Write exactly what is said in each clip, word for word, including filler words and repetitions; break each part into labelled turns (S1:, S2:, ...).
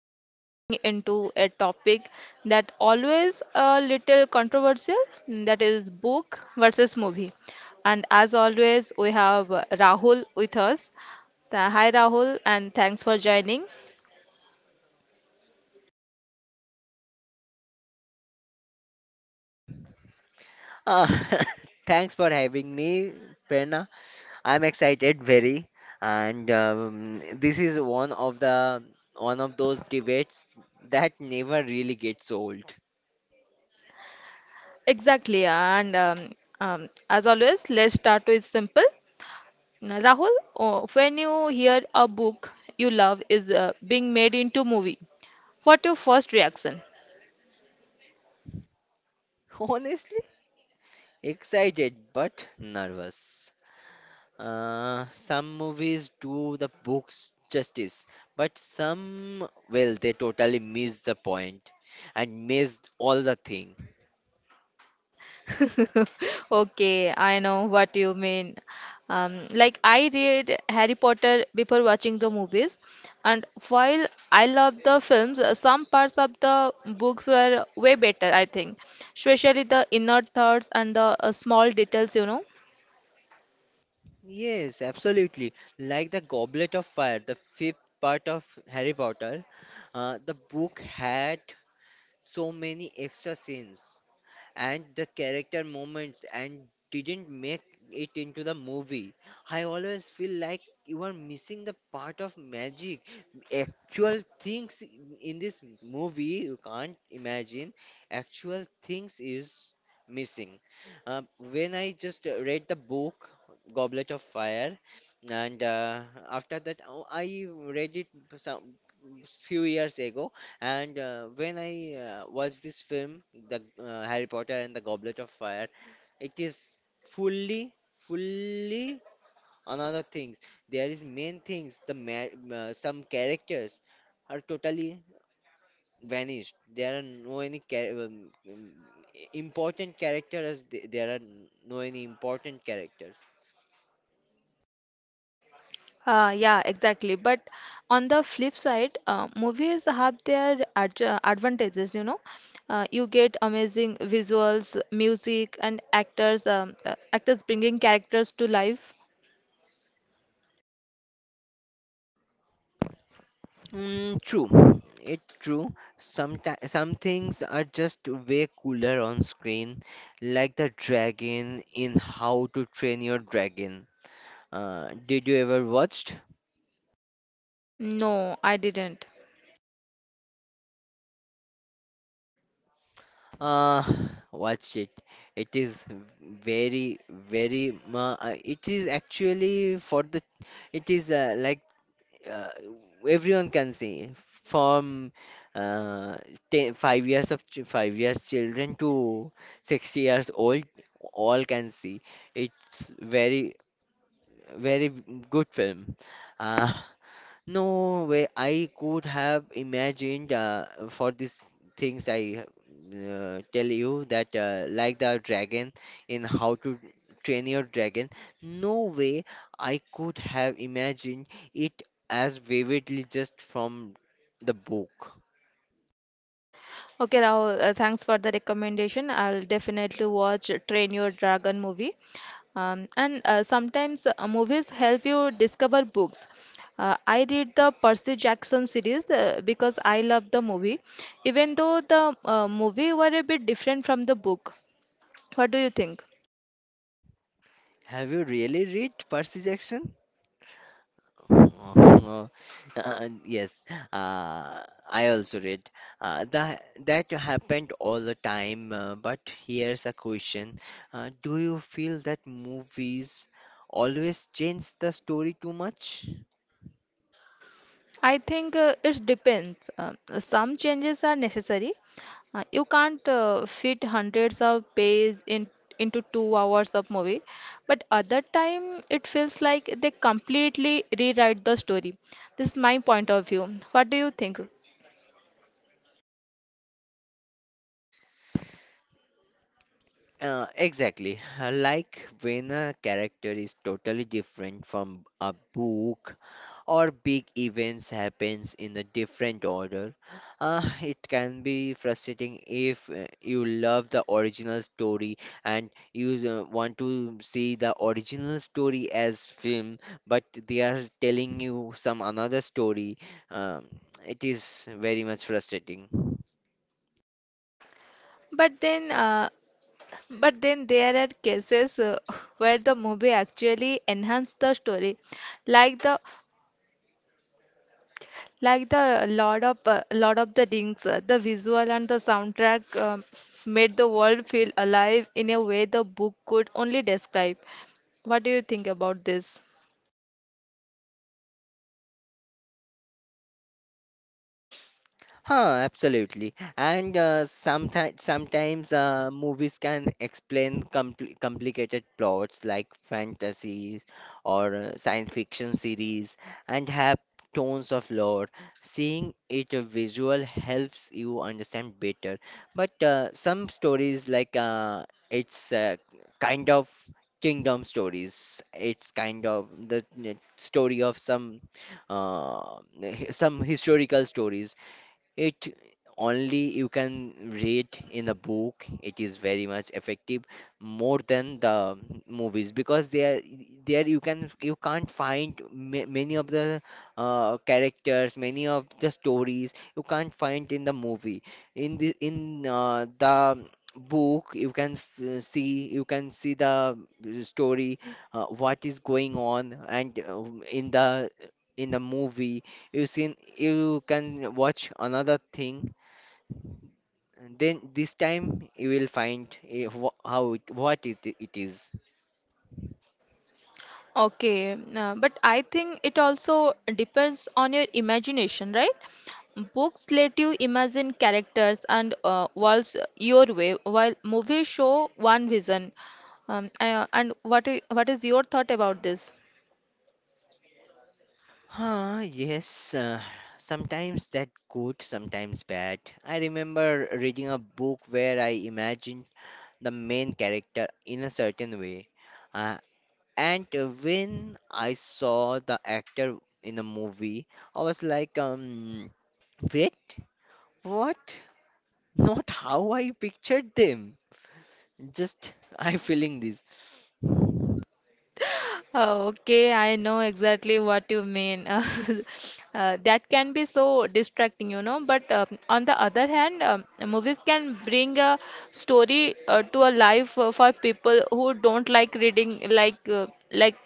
S1: we are diving into a topic that always a little controversial, mm, that is book versus movie. And as always, we have uh, Rahul with us. Th- Hi Rahul, and thanks for joining.
S2: Uh, thanks for having me, Prerna. I'm excited very, and um, this is one of the one of those debates that never really gets old.
S1: Exactly, and um, um, as always, let's start with simple. Now, Rahul, oh, when you hear a book you love is uh, being made into movie, what your first reaction?
S2: Honestly, excited but nervous. Uh, some movies do the books justice, but some, well, they totally miss the point and miss all the thing.
S1: Okay, I know what you mean. Um, like I read Harry Potter before watching the movies, and while I loved the films, uh, some parts of the books were way better, I think, especially the inner thoughts and the uh, small details, you know.
S2: Yes, absolutely. Like the Goblet of Fire, the fifth part of Harry Potter, uh, the book had so many extra scenes and the character moments and didn't make it into the movie. I always feel like you are missing the part of magic. Actual things in this movie you can't imagine. Actual things is missing. Uh, when I just uh, read the book Goblet of Fire, and uh, after that oh, I read it some few years ago and uh, when I uh, watch this film, the uh, Harry Potter and the Goblet of Fire, it is fully, fully another things. There is main things. The ma- uh, some characters are totally vanished. There are no any char- um, um, important characters. There are no any important characters.
S1: Uh, yeah, exactly. But on the flip side, uh, movies have their ad advantages, you know. Uh, you get amazing visuals, music, and actors, um, uh, actors bringing characters to life.
S2: Mm, true, it true. Sometimes some things are just way cooler on screen, like the dragon in How to Train Your Dragon. Uh, did you ever watched?
S1: No, I didn't.
S2: Uh, Watch it. It is very, very. Uh, uh, it is actually for the. It is uh, like uh, everyone can see from uh, ten, five years of ch- five years children to sixty years old all can see it's very very good film, uh, no way I could have imagined uh, for these things I uh, tell you that uh, like the dragon in How to Train Your Dragon, no way I could have imagined it as vividly just from the book.
S1: Okay, Rahul, uh, thanks for the recommendation. I'll definitely watch Train Your Dragon movie. Um, and uh, Sometimes uh, movies help you discover books. Uh, I read the Percy Jackson series uh, because I love the movie, even though the uh, movie were a bit different from the book. What do you think?
S2: Have you really read Percy Jackson? Uh, uh, yes, uh, I also read uh, that that happened all the time. Uh, but here's a question: uh, do you feel that movies always change the story too much?
S1: I think uh, it depends. Um, some changes are necessary. Uh, you can't uh, fit hundreds of pages in, into two hours of movie, but other time it feels like they completely rewrite the story. This is my point of view. What do you think?
S2: Uh, exactly. Like when a character is totally different from a book or big events happens in a different order, uh, it can be frustrating if uh, you love the original story and you uh, want to see the original story as film, but they are telling you some another story. Um, it is very much frustrating.
S1: But then, uh, but then there are cases uh, where the movie actually enhanced the story, like the Like the Lord of uh, Lord of the Rings, uh, the visual and the soundtrack um, made the world feel alive in a way the book could only describe. What do you think about this?
S2: Huh, absolutely. And uh, sometimes sometimes uh, movies can explain compl complicated plots like fantasies or uh, science fiction series and have tones of lore. Seeing it uh, visual helps you understand better. But uh, some stories like uh, it's uh, kind of kingdom stories. It's kind of the uh, story of some uh, hi- some historical stories, it only you can read in a book. It is very much effective more than the movies, because there there you can you can't find ma- many of the uh, characters, many of the stories you can't find in the movie. In the in uh, the book you can f- see you can see the story, uh, what is going on. And uh, in the in the movie you seen you can watch another thing, and then this time you will find if, wh- how it, what it, it is.
S1: Okay, uh, but I think it also depends on your imagination, right? Books let you imagine characters and uh, worlds your way, while movies show one vision. Um, uh, and what i- what is your thought about this?
S2: Ah, yes, uh, sometimes that good, sometimes bad. I remember reading a book where I imagined the main character in a certain way, uh, and uh, when I saw the actor in the movie I was like, um wait, what? Not how I pictured them. Just I feeling this.
S1: Okay, I know exactly what you mean. Uh, that can be so distracting, you know. But um on the other hand, um, movies can bring a story uh, to a life uh, for people who don't like reading, like uh, like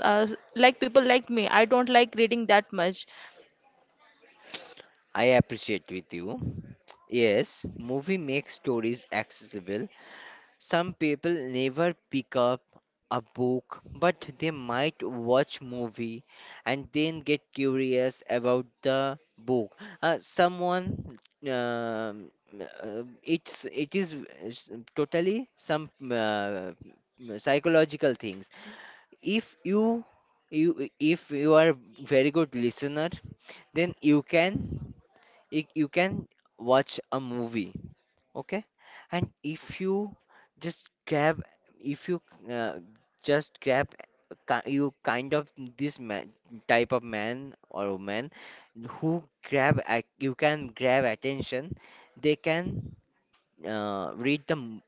S1: uh, like people like me. I don't like reading that much.
S2: I appreciate with you. Yes, movie makes stories accessible. Some people never pick up a book, but they might watch movie and then get curious about the book. Uh, someone um, uh, it's it is uh, s- totally some uh, psychological things. if you you if you are very good listener, then you can you, you can watch a movie. Okay. And if you just grab if you uh, just grab, ki- you kind of this man, type of man or woman who grab at, you can grab attention, they can uh, read the m-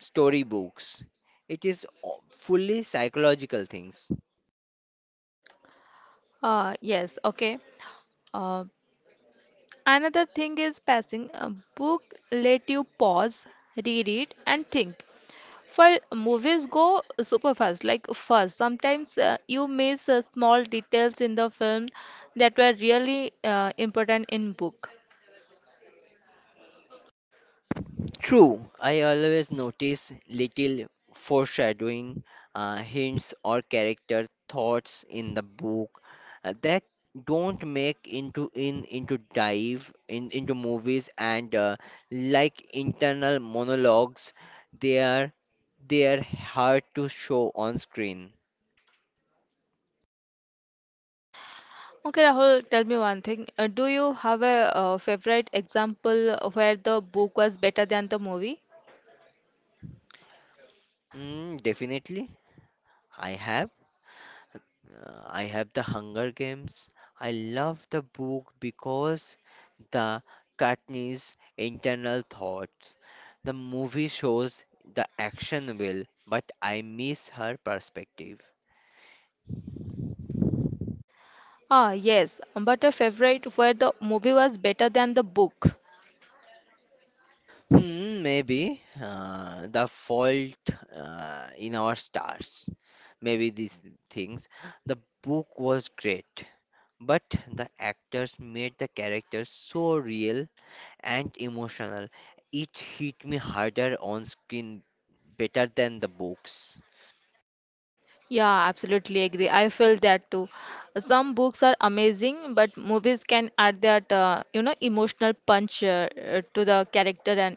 S2: storybooks. It is o- fully psychological things.
S1: Uh, yes, okay. Uh, Another thing is passing. A book let you pause, reread, and think. For movies go super fast, like fast. Sometimes uh, you miss uh, small details in the film that were really uh, important in book.
S2: True, I always notice little foreshadowing, uh, hints, or character thoughts in the book uh, that don't make into in into dive in into movies, and uh, like internal monologues, they are they are hard to show on screen.
S1: Okay, Rahul, tell me one thing. Uh, do you have a uh, favorite example where the book was better than the movie?
S2: Mm, definitely, I have. Uh, I have The Hunger Games. I love the book because the Katniss internal thoughts. The movie shows the action will, but I miss her perspective.
S1: Ah, yes, but a favorite where the movie was better than the book.
S2: Hmm, maybe uh, the fault uh, in our stars. Maybe these things. The book was great, but the actors made the characters so real and emotional. It hit me harder on screen, better than the books.
S1: Yeah, absolutely agree. I feel that too. Some books are amazing, but movies can add that uh, you know emotional punch uh, uh, to the character and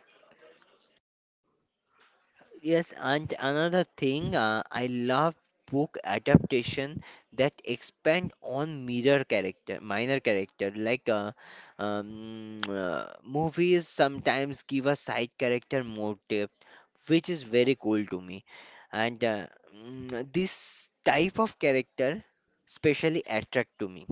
S2: Yes, and another thing, uh, I love book adaptation that expand on mirror character, minor character. Like uh, um, uh, movies sometimes give a side character more depth, which is very cool to me. And uh, mm, this type of character specially attract to me.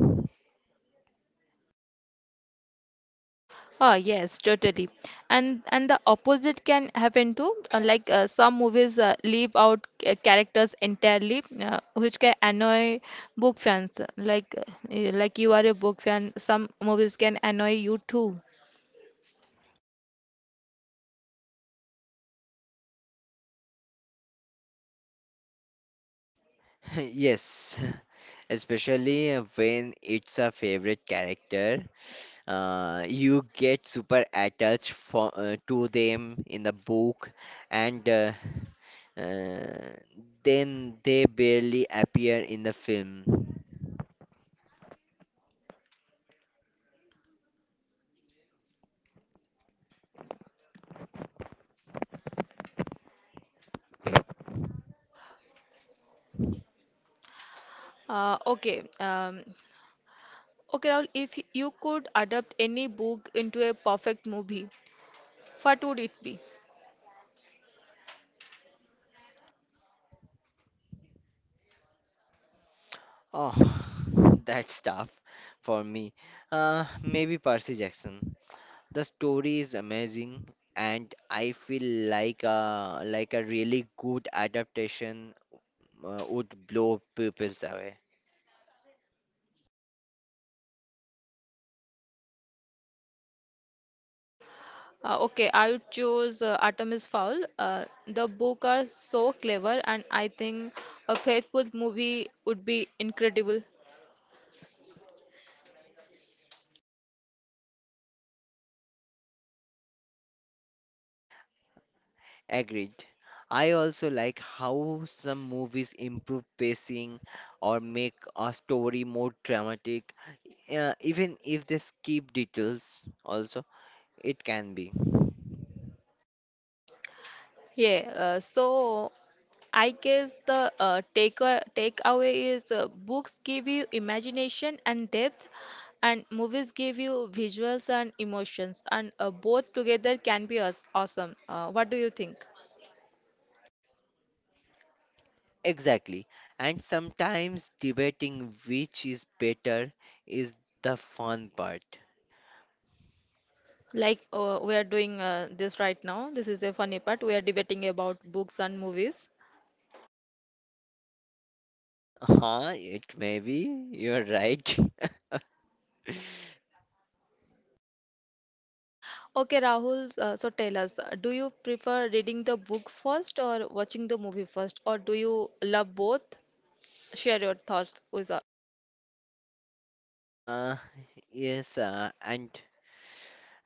S1: oh yes, totally. And and the opposite can happen too. Uh, like uh, some movies uh, leave out ca- characters entirely, uh, which can annoy book fans. Like uh, y- like you are a book fan, some movies can annoy you too.
S2: Yes, especially when it's a favorite character, uh, you get super attached for, uh, to them in the book, and uh, uh, then they barely appear in the film.
S1: Uh, okay. Um, Okay, Rahul, if you could adapt any book into a perfect movie, what would it be?
S2: Oh, that's tough for me. Uh, maybe Percy Jackson. The story is amazing, and I feel like a like a really good adaptation uh, would blow people's away.
S1: Uh, okay, I would choose uh, Artemis Fowl. Uh, the book are so clever, and I think a faithful movie would be incredible.
S2: Agreed. I also like how some movies improve pacing or make a story more dramatic, uh, even if they skip details, also, it can be.
S1: Yeah, uh, so I guess the uh, take uh, takeaway is uh, books give you imagination and depth, and movies give you visuals and emotions, and uh, both together can be aw- awesome. Uh, what do you think?
S2: Exactly. And sometimes debating which is better is the fun part.
S1: Like uh, we are doing uh, this right now. This is a funny part. We are debating about books and movies.
S2: Huh, it may be. You're right.
S1: Okay, Rahul, uh, so tell us, uh, do you prefer reading the book first or watching the movie first, or do you love both? Share your thoughts with us.
S2: Uh, yes, uh, and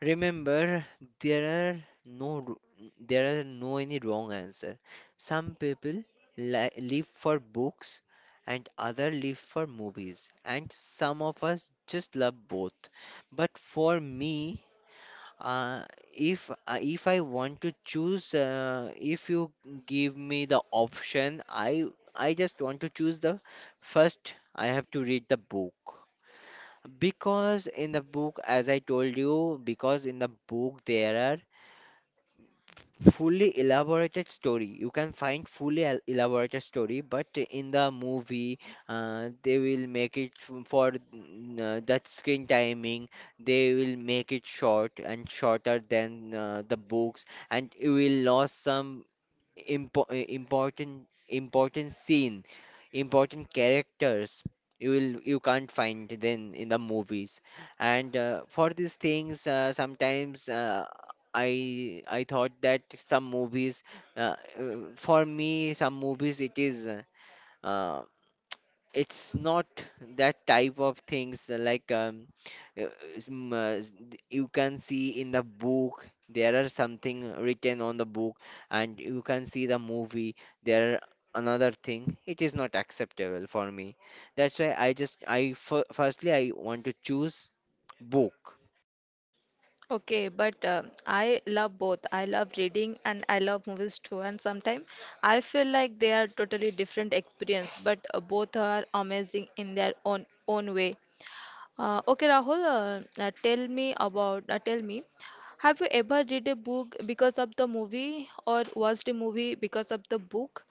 S2: remember, there are no ru- there are no any wrong answer. Some people li live for books and other live for movies, and some of us just love both. But for me, uh, if I- if I want to choose, uh, if you give me the option, I I just want to choose the first. I have to read the book. Because in the book, as I told you, because in the book there are fully elaborated story. You can find fully el- elaborated story, but in the movie, uh, they will make it f- for mm, uh, that screen timing. They will make it short and shorter than uh, the books, and you will lose some impo- uh, important important scene, important characters, you will you can't find then in the movies. And uh, for these things, uh, sometimes uh, I I thought that some movies uh, uh, for me some movies it is uh, it's not that type of things uh, like um, uh, s- m- uh, s- th- you can see in the book there are something written on the book, and you can see the movie, there are another thing. It is not acceptable for me. That's why I just I f- firstly I want to choose book.
S1: Okay, but uh, I love both. I love reading and I love movies too. And sometimes I feel like they are totally different experience, but uh, both are amazing in their own own way. Uh, okay, Rahul, uh, uh, tell me about, uh, Tell me, have you ever read a book because of the movie or watched a movie because of the book?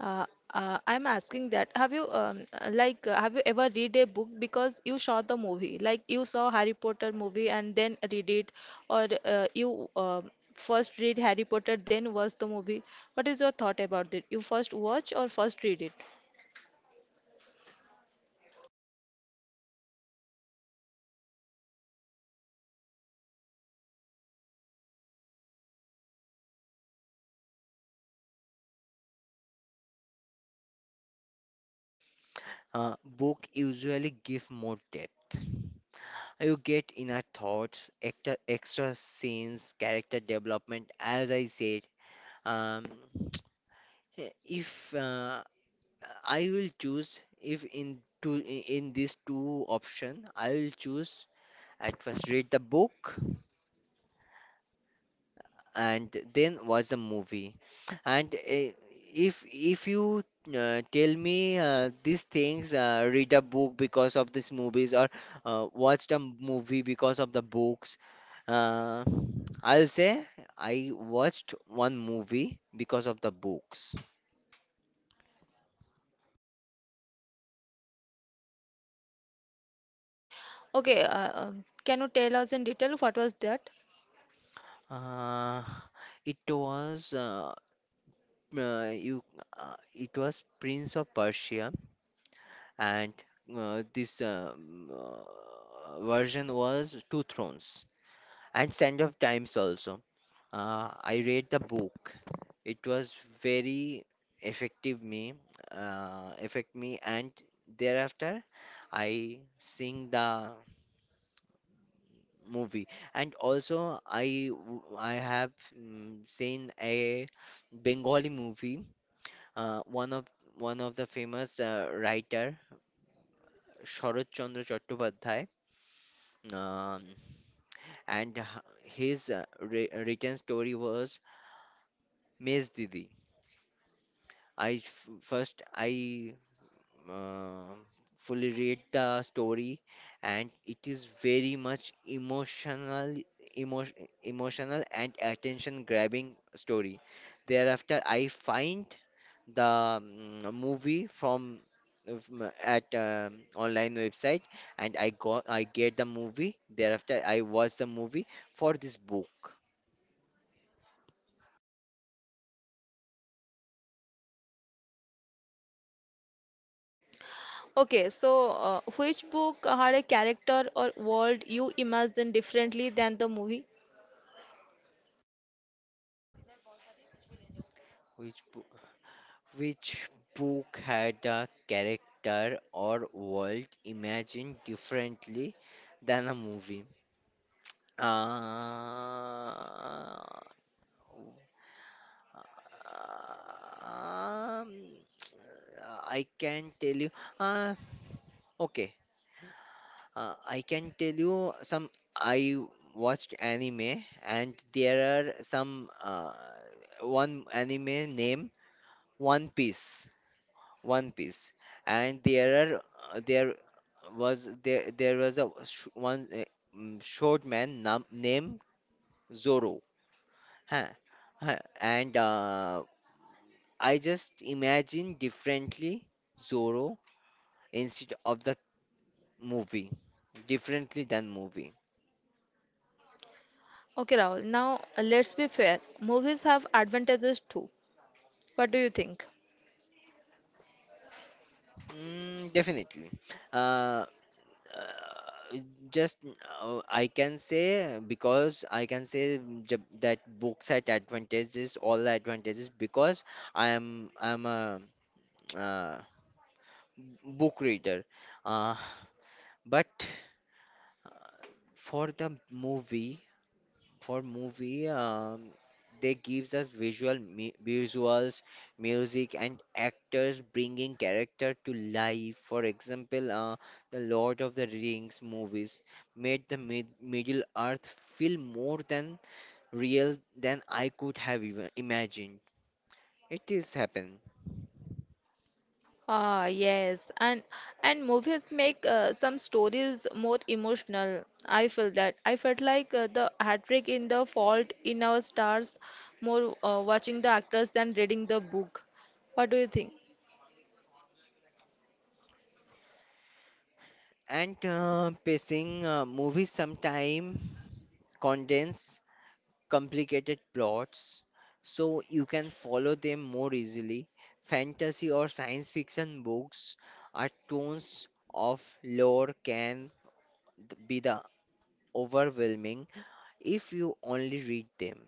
S1: Uh, uh, I'm asking that. Have you, um, uh, like, uh, have you ever read a book because you saw the movie? Like, you saw Harry Potter movie and then read it, or uh, you uh, first read Harry Potter, then watch the movie. What is your thought about it? You first watch or first read it?
S2: uh, Book usually give more depth, you get inner thoughts, extra, extra scenes, character development, as I said. Um, Eh, If uh, I will choose, if in two in these two option, I will choose at first read the book and then watch the movie. And uh, if if you uh, tell me uh, these things, uh, read a book because of these movies or uh, watch the movie because of the books, uh, I'll say I watched one movie because of the books.
S1: Okay, okay, uh, um, can you tell us in detail what was that?
S2: Uh, it was uh, uh, you uh, it was Prince of Persia, and uh, this um, uh, version was Two Thrones and Sand of Times also. Uh, I read the book. It was very effective me, uh, affect me, and thereafter I sing the movie. And also I w- I have mm, seen a Bengali movie. Uh, one of One of the famous uh, writer, Sharotchandra Chattopadhyay, um, and h- his uh, wri- written story was Mes Didi. I f- first I uh, fully read the story, and it is very much emotional, emotion, emotional and attention grabbing story. Thereafter, I find the mm, movie from from at um, online website, and I got I get the movie. Thereafter I watch the movie for this book.
S1: Okay, so uh, which book had a character or world you imagined differently than the movie?
S2: Which book which book had a character or world imagined differently than a movie? uh, um, I can tell you. uh, okay. Uh, I can tell you some. I watched anime, and there are some, uh, one anime name One Piece. One Piece, and there are uh, there was there there was a sh one uh, mm, short man nam named Zoro. Huh. Huh. And uh, I just imagine differently Zoro instead of the movie, differently than movie.
S1: Okay, Rahul, now uh, let's be fair. Movies have advantages too. What do you think?
S2: Mm, definitely. Uh, uh, just uh, I can say, because I can say j- that books had advantages, all the advantages, because I am I'm a uh, book reader. Uh, but for the movie. For movie, um, they gives us visual mu- visuals, music and actors bringing character to life. For example, uh, the Lord of the Rings movies made the mid- Middle Earth feel more than real than I could have even imagined. It is happen.
S1: Ah, yes, and and movies make uh, some stories more emotional. I feel that. I felt like uh, the heartbreak in The Fault in Our Stars more uh, watching the actors than reading the book. What do you think?
S2: And uh, pacing, uh, movies sometime condense complicated plots so you can follow them more easily. Fantasy or science fiction books are tons of lore can th- be the overwhelming if you only read them.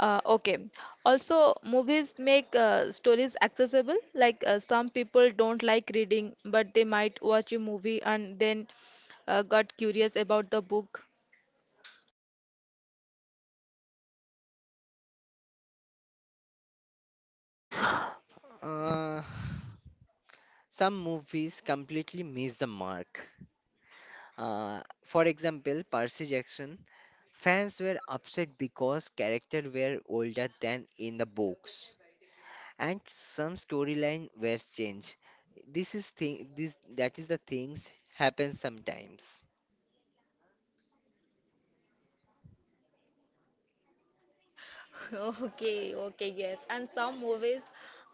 S1: Uh, okay. Also, movies make uh, stories accessible. Like uh, some people don't like reading, but they might watch a movie and then uh, got curious about the book.
S2: Uh, some movies completely miss the mark. Uh, for example, Percy Jackson. Fans were upset because characters were older than in the books. And some storyline were changed. This is thing this that is the things happen sometimes.
S1: Okay, okay, yes. And some movies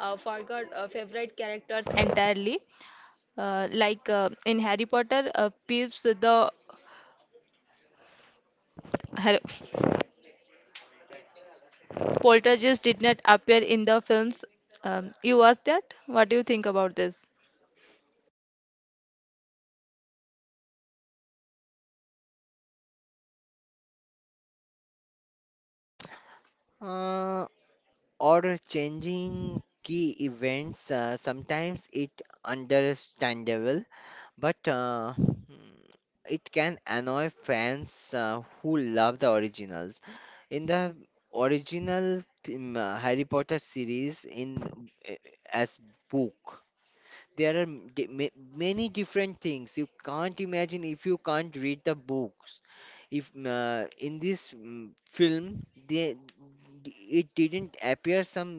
S1: uh, forgot uh, favorite characters entirely. Uh, like uh, in Harry Potter, uh, Peeves the Har- poltergeist did not appear in the films. Um, you asked that? What do you think about this?
S2: Uh, or changing key events, uh, sometimes it understandable, but uh, hmm, it can annoy fans uh, who love the originals. In the original theme, uh, Harry Potter series in eh, as book, there are m- di- ma- many different things you can't imagine if you can't read the books. If uh, in this mm, film, they, it didn't appear, some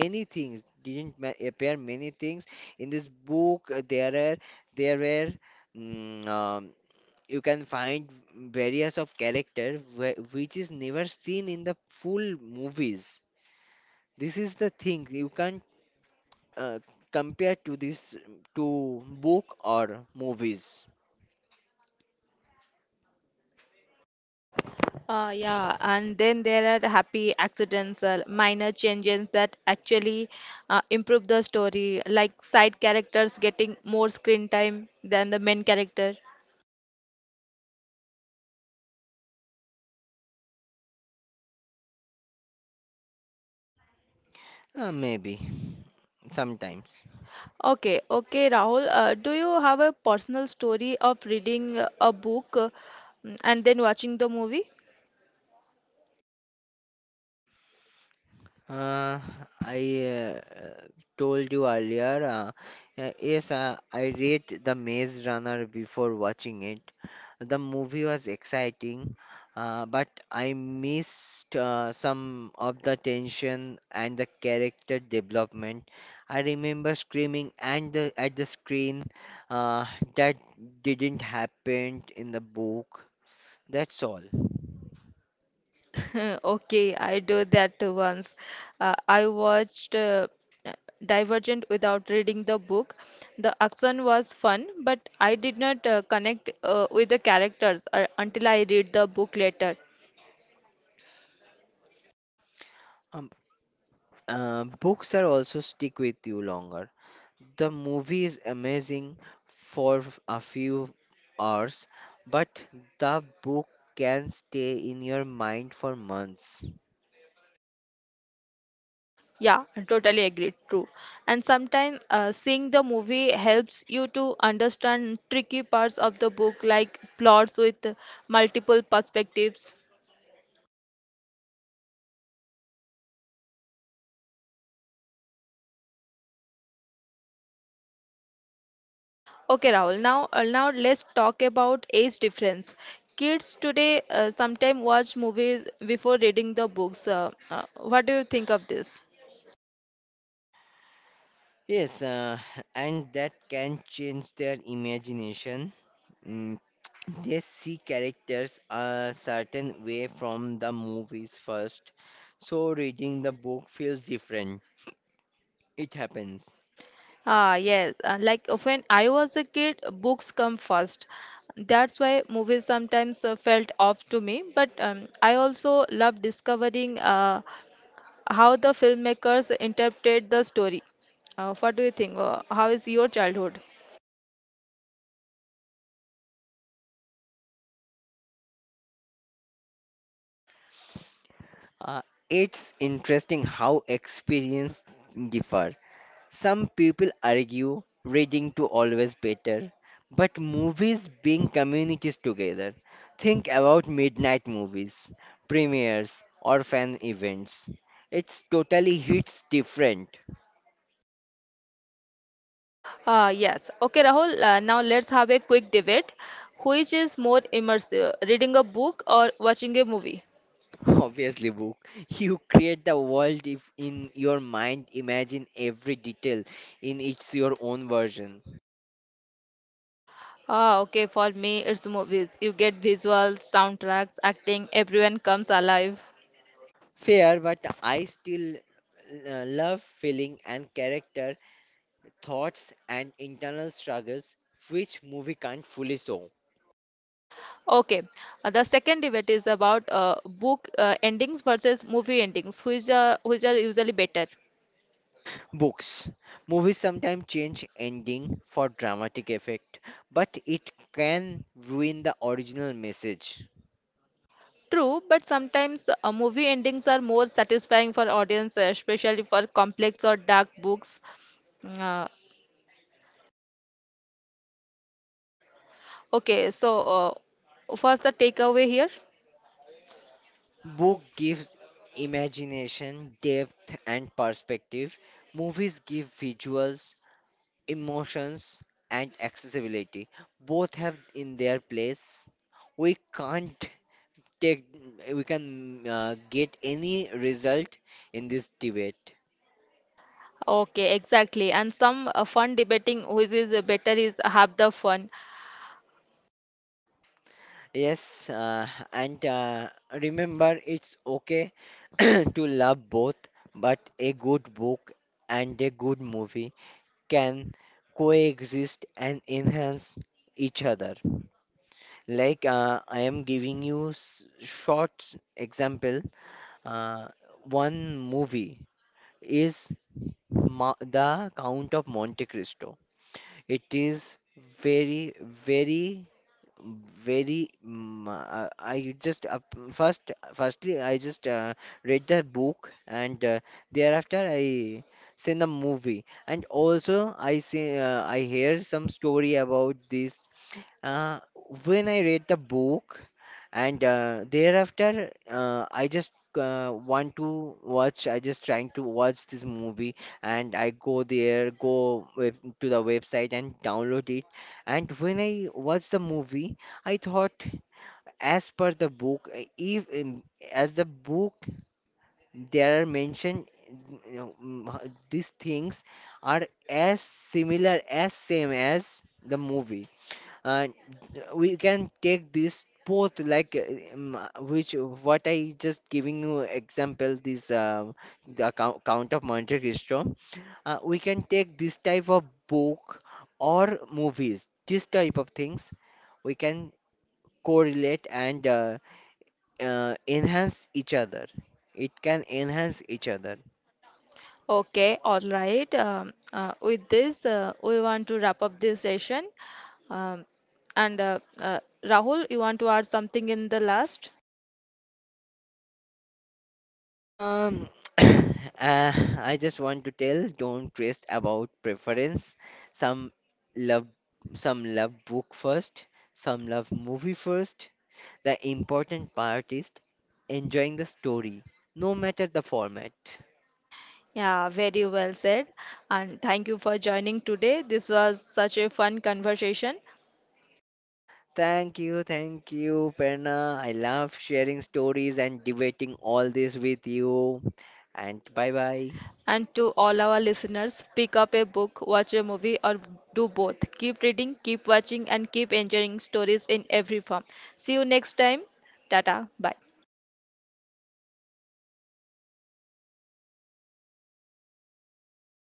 S2: many things didn't ma- appear, many things in this book. uh, There are, there were, mm, um, you can find various of character wh- which is never seen in the full movies. This is the thing you can't uh, compared to this, to book or movies?
S1: Uh, yeah, and then there are happy accidents, uh, minor changes that actually uh, improve the story, like side characters getting more screen time than the main character.
S2: Uh, maybe sometimes.
S1: Okay, okay, Rahul, uh, do you have a personal story of reading uh, a book uh, and then watching the movie?
S2: Uh, I, uh, told you earlier. Uh, uh, yes, uh, I read The Maze Runner before watching it. The movie was exciting, uh, but I missed uh, some of the tension and the character development. I remember screaming and the, at the screen, uh, that didn't happen in the book. That's all.
S1: Okay, I do that too once. Uh, I watched uh, Divergent without reading the book. The action was fun, but I did not uh, connect uh, with the characters uh, until I read the book later.
S2: Uh, books are also stick with you longer. The movie is amazing for f- a few hours, but the book can stay in your mind for months.
S1: Yeah, I totally agree. True. And sometimes uh, seeing the movie helps you to understand tricky parts of the book, like plots with multiple perspectives. Okay, Rahul. Now, uh, now let's talk about age difference. Kids today uh, sometimes watch movies before reading the books. Uh, uh, what do you think of this?
S2: Yes, uh, and that can change their imagination. Mm, they see characters a certain way from the movies first, so reading the book feels different. It happens.
S1: Ah, yes. Uh, like uh, when I was a kid, books come first. That's why movies sometimes uh, felt off to me. But um, I also love discovering uh, how the filmmakers interpret the story. Uh, what do you think? Uh, how is your childhood?
S2: Uh, it's interesting how experience differ. Some people argue reading to always better, but movies bring communities together. Think about midnight movies, premieres, or fan events. It's totally hits different.
S1: Uh, yes. Okay, Rahul, uh, now let's have a quick debate. Which is more immersive, reading a book or watching a movie?
S2: Obviously, book. You create the world if in your mind, imagine every detail in it's your own version.
S1: Ah, okay, for me, it's movies. You get visuals, soundtracks, acting, everyone comes alive.
S2: Fair, but I still uh, love feeling and character, thoughts and internal struggles which movie can't fully show.
S1: Okay, uh, the second debate is about uh, book uh, endings versus movie endings, which are, which are usually better.
S2: Books. Movies sometimes change ending for dramatic effect, but it can ruin the original message.
S1: True, but sometimes uh, movie endings are more satisfying for audience, uh, especially for complex or dark books. Mm, Uh, Okay, so uh, first the takeaway here.
S2: Book gives imagination, depth and perspective. Movies give visuals, emotions and accessibility. Both have in their place, we can't take, we can uh, get any result in this debate.
S1: Okay, exactly. And some uh, fun debating which is uh, better is have the fun.
S2: Yes, uh, and uh, remember it's okay to love both, but a good book and a good movie can coexist and enhance each other. Like uh, I am giving you s- short example. Uh, one movie is Ma The Count of Monte Cristo. It is very, very, very, mm, uh, I just, uh, first firstly I just, uh, read the book, and uh, thereafter I seen the movie, and also I see, uh, I hear some story about this. Uh, when I read the book, and uh, thereafter, uh, I just, uh, want to watch I just trying to watch this movie, and I go there, go web, to the website and download it. And when I watched the movie, I thought, as per the book, uh, if um, as the book there are mentioned, you know, mm, h- these things are as similar as same as the movie. uh, we can take this both, like, uh, um, which what I just giving you example, this, uh, the account, Count of Monte Cristo, uh, we can take this type of book or movies, this type of things we can correlate and, uh, uh, enhance each other, it can enhance each other.
S1: Okay, all right. Um, uh, with this, uh, we want to wrap up this session. Um, and uh, uh, Rahul, you want to add something in the last?
S2: Um, uh, I just want to tell don't trust about preference. Some love, some love book first, some love movie first. The important part is enjoying the story, no matter the format.
S1: Yeah, very well said. And thank you for joining today. This was such a fun conversation.
S2: Thank you, thank you, Perna. I love sharing stories and debating all this with you. And bye bye.
S1: And to all our listeners, pick up a book, watch a movie, or do both. Keep reading, keep watching, and keep enjoying stories in every form. See you next time. Tata. Bye.